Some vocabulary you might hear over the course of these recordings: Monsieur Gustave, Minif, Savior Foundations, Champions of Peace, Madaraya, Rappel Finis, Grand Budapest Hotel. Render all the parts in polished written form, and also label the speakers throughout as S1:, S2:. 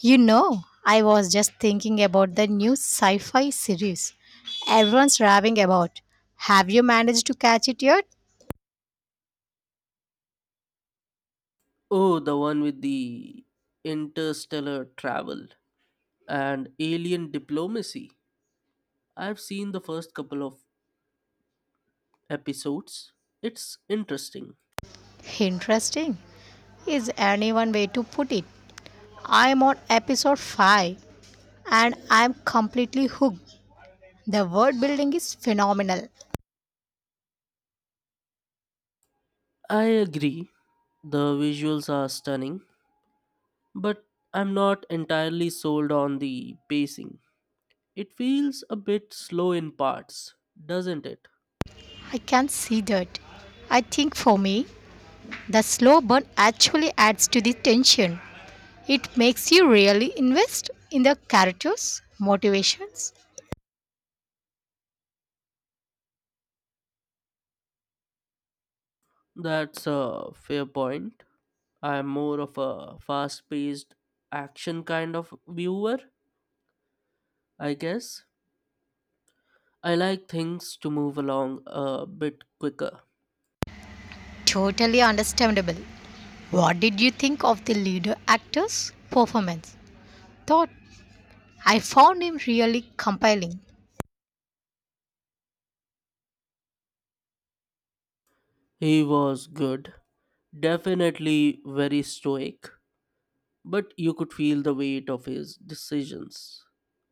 S1: You know, I was just thinking about the new sci fi series everyone's raving about. Have you managed to catch it yet?
S2: Oh, the one with the interstellar travel and alien diplomacy. I've seen the first couple of episodes. It's interesting.
S1: Interesting. Is any one way to put it? I'm on episode 5 and I'm completely hooked. The world building is phenomenal.
S2: I agree. The visuals are stunning, but I'm not entirely sold on the pacing. It feels a bit slow in parts, doesn't it?
S1: I can see that. I think for me, the slow burn actually adds to the tension. It makes you really invest in the characters' motivations.
S2: That's a fair point. I'm more of a fast paced action kind of viewer, I guess. I like things to move along a bit quicker.
S1: Totally understandable. What did you think of the leader actor's performance? Thought I found him really compelling.
S2: He was good, definitely very stoic, but you could feel the weight of his decisions.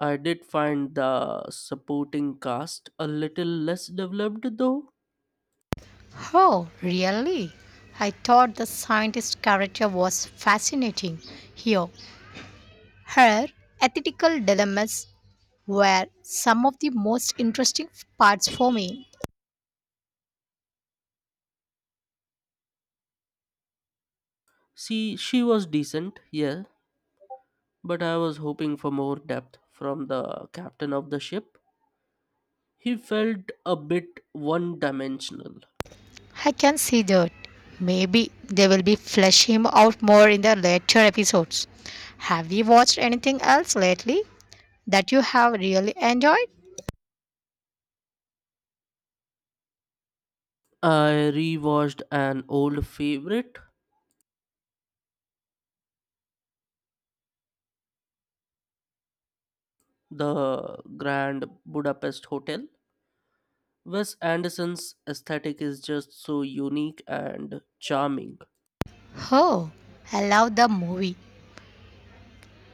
S2: I did find the supporting cast a little less developed though.
S1: Oh, really? I thought the scientist character was fascinating. Here, her ethical dilemmas were some of the most interesting parts for me.
S2: See, she was decent, yeah, but I was hoping for more depth from the captain of the ship. He felt a bit one dimensional.
S1: I can see that. Maybe they will be flesh him out more in the later episodes. Have you watched anything else lately that you have really enjoyed?
S2: I rewatched an old favorite the Grand Budapest Hotel. Wes Anderson's aesthetic is just so unique and charming,
S1: Oh, I love the movie.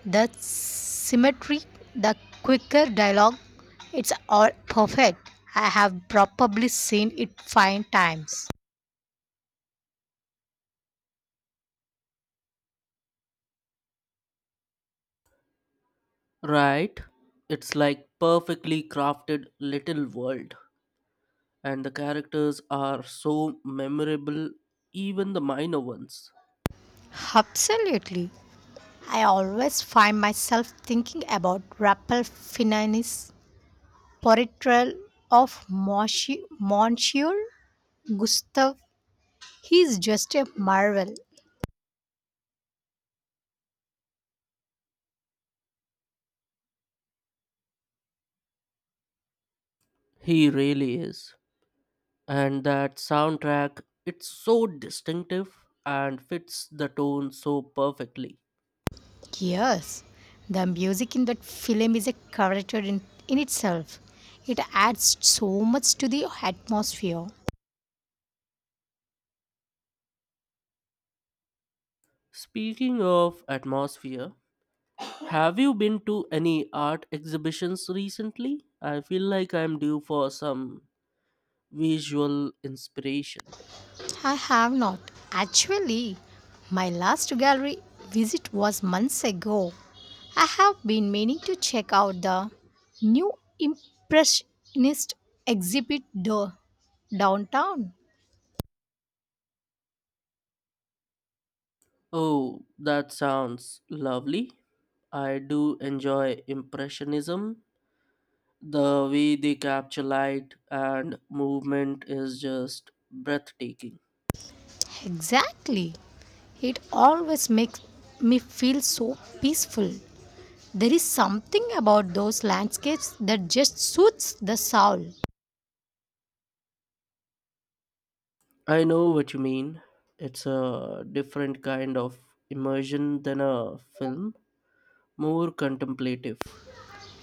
S1: The symmetry, the quicker dialogue, it's all perfect. I have probably seen it five times.
S2: right? It's like perfectly crafted little world, and the characters are so memorable, even the minor ones.
S1: Absolutely. I always find myself thinking about Rappel Finis portrayal of Monsieur Gustave. He's just a marvel.
S2: He really is. And that soundtrack, it's so distinctive and fits the tone so perfectly.
S1: Yes, the music in that film is a character in itself. It adds so much to the atmosphere.
S2: Speaking of atmosphere, have you been to any art exhibitions recently? I feel like I'm due for some visual inspiration.
S1: I have not. Actually, my last gallery visit was months ago. I have been meaning to check out the new Impressionist exhibit downtown.
S2: Oh, that sounds lovely. I do enjoy Impressionism. The way they capture light and movement is just breathtaking.
S1: Exactly. It always makes me feel so peaceful. There is something about those landscapes that just suits the soul.
S2: I know what you mean. It's a different kind of immersion than a film, more contemplative.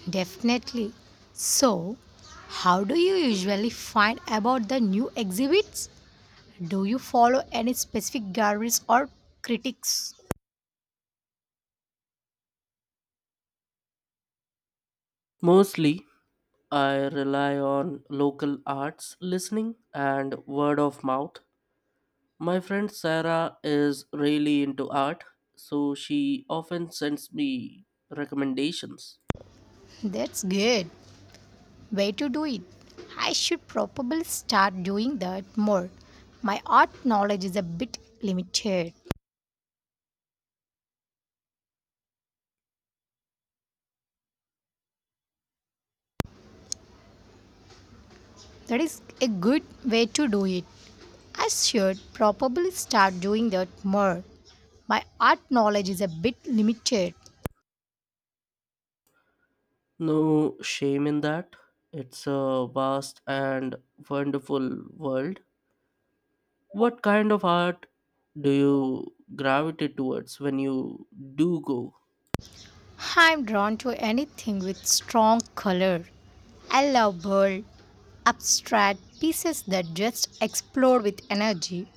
S1: Definitely. So, how do you usually find about the new exhibits? Do you follow any specific galleries or critics?
S2: Mostly, I rely on local arts, listening, and word of mouth. My friend Sarah is really into art, so she often sends me recommendations.
S1: That's good. Way to do it. I should probably start doing that more. My art knowledge is a bit limited. That is a good way to do it. I should probably start doing that more. My art knowledge is a bit limited.
S2: No shame in that. It's a vast and wonderful world. What kind of art do you gravitate towards when you do go?
S1: I'm drawn to anything with strong color. I love bold, abstract pieces that just explode with energy.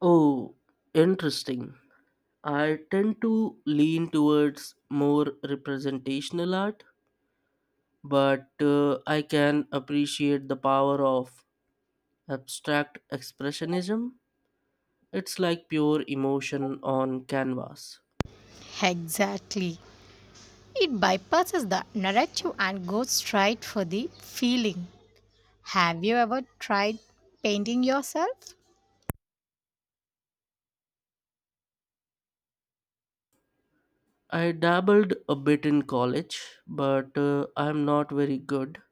S2: Oh, interesting. I tend to lean towards more representational art, but I can appreciate the power of abstract expressionism. It's like pure emotion on canvas.
S1: Exactly. It bypasses the narrative and goes straight for the feeling. Have you ever tried painting yourself?
S2: I dabbled a bit in college, but I'm not very good.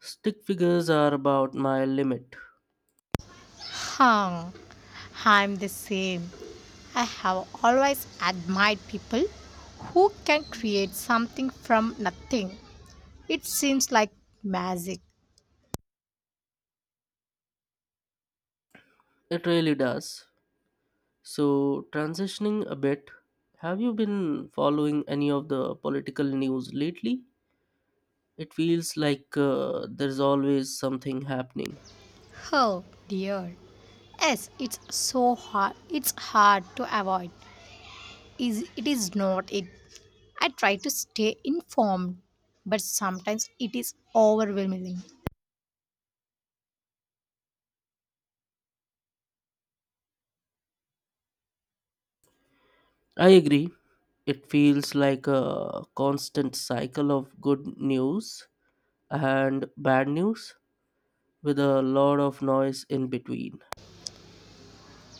S2: Stick figures are about my limit.
S1: Huh, I'm the same. I have always admired people who can create something from nothing. It seems like magic.
S2: It really does. So, transitioning a bit, have you been following any of the political news lately? It feels like there's always something happening.
S1: Oh dear. Yes, it's so hard. It's hard to avoid. Is it is not it. I try to stay informed, but sometimes it is overwhelming.
S2: I agree. It feels like a constant cycle of good news and bad news with a lot of noise in between.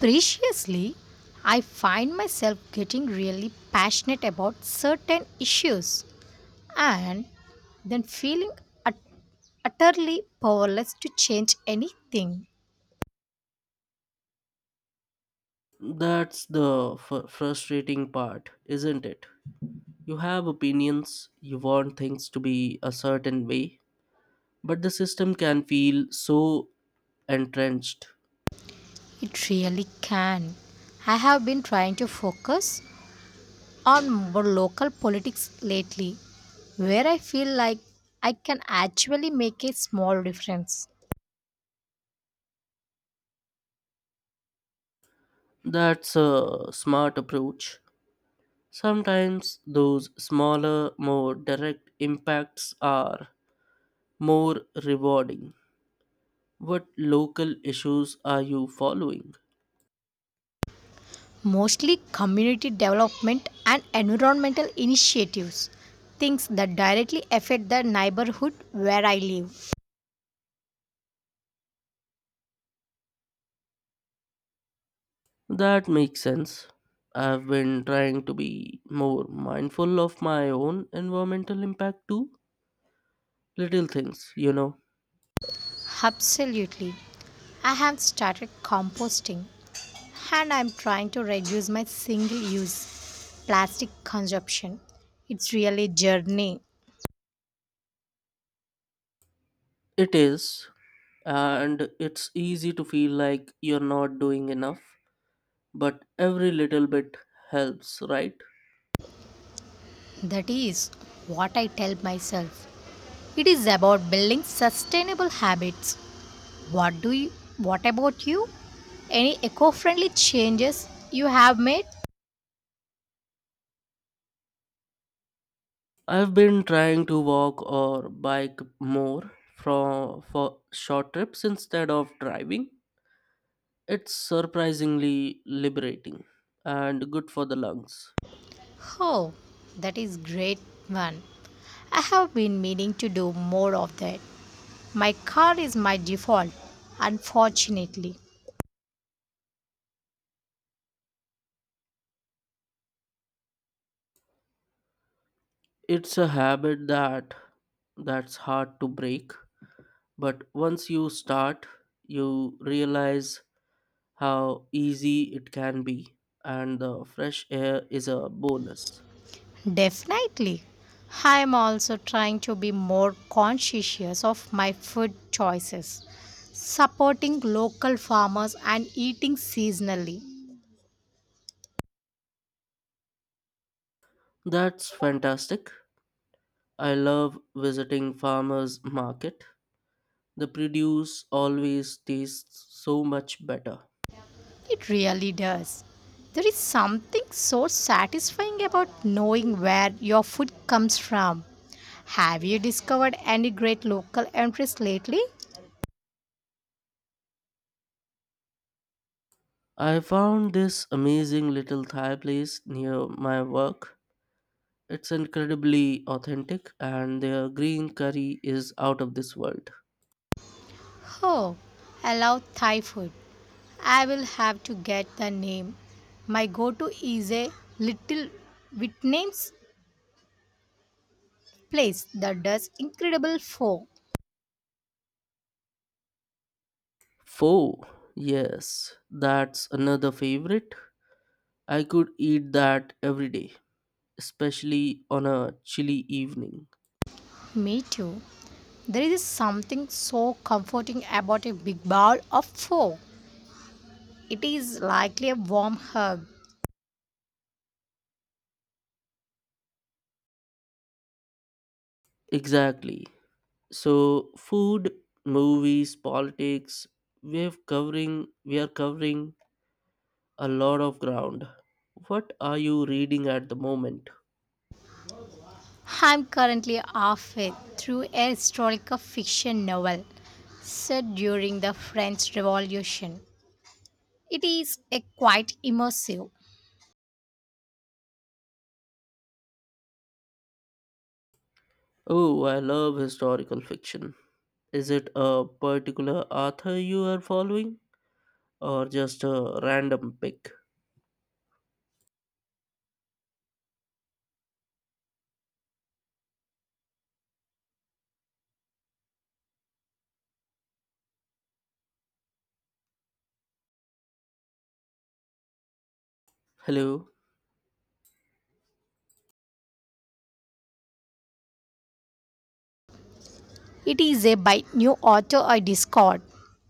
S1: Preciously, I find myself getting really passionate about certain issues and then feeling ut- utterly powerless to change anything.
S2: That's the frustrating part, isn't it? You have opinions, you want things to be a certain way, but the system can feel so entrenched.
S1: It really can. I have been trying to focus on more local politics lately, where I feel like I can actually make a small difference.
S2: That's a smart approach. Sometimes those smaller, more direct impacts are more rewarding. What local issues are you following?
S1: Mostly community development and environmental initiatives, things that directly affect the neighborhood where I live.
S2: That makes sense. I've been trying to be more mindful of my own environmental impact too. Little things, you know.
S1: Absolutely. I have started composting and I'm trying to reduce my single use plastic consumption. It's really a journey.
S2: It is, and it's easy to feel like you're not doing enough, but every little bit helps, right?
S1: That is what I tell myself. It is about building sustainable habits. What do you what about you? Any eco-friendly changes you have made?
S2: I've been trying to walk or bike more from for short trips instead of driving. It's surprisingly liberating and good for the lungs.
S1: Oh, that is great one. I have been meaning to do more of that. My car is my default, unfortunately.
S2: It's a habit that's hard to break, but once you start, you realize how easy it can be and the fresh air is a bonus.
S1: Definitely. I am also trying to be more conscientious of my food choices, supporting local farmers and eating seasonally.
S2: That's fantastic. I love visiting farmers market. The produce always tastes so much better.
S1: It really does. There is something so satisfying about knowing where your food comes from. Have you discovered any great local entries lately?
S2: I found this amazing little Thai place near my work. It's incredibly authentic and their green curry is out of this world.
S1: Oh, I love Thai food. I will have to get the name. My go to is a little Vietnamese place that does incredible pho.
S2: Pho, yes, that's another favorite. I could eat that every day, especially on a chilly evening.
S1: Me too. There is something so comforting about a big bowl of pho. It is likely a warm hug.
S2: Exactly. So, food, movies, politics, we are covering a lot of ground. What are you reading at the moment?
S1: I'm currently halfway through a historical fiction novel set during the French Revolution. It is a quite immersive.
S2: Oh, I love historical fiction. Is it a particular author you are following or just a random pick? Hello.
S1: It is a by new author I discovered.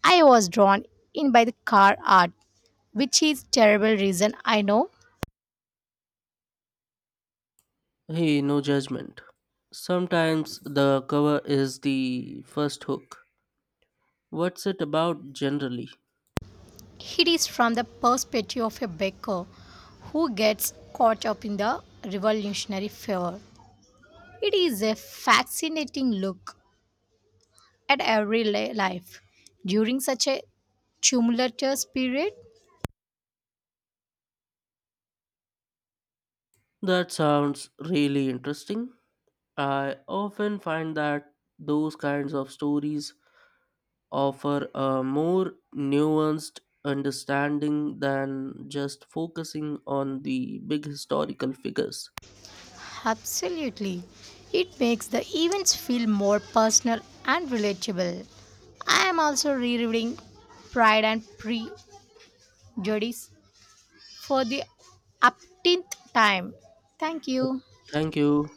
S1: I was drawn in by the car art, which is terrible reason I know.
S2: Hey, no judgment. Sometimes the cover is the first hook. What's it about generally?
S1: It is from the perspective of a baker who gets caught up in the revolutionary fever. It is a fascinating look at life during such a tumultuous period?
S2: That sounds really interesting. I often find that those kinds of stories offer a more nuanced understanding than just focusing on the big historical figures.
S1: Absolutely. It makes the events feel more personal and relatable. I am also rereading Pride and Prejudice for the upteenth time. Thank you.
S2: Thank you.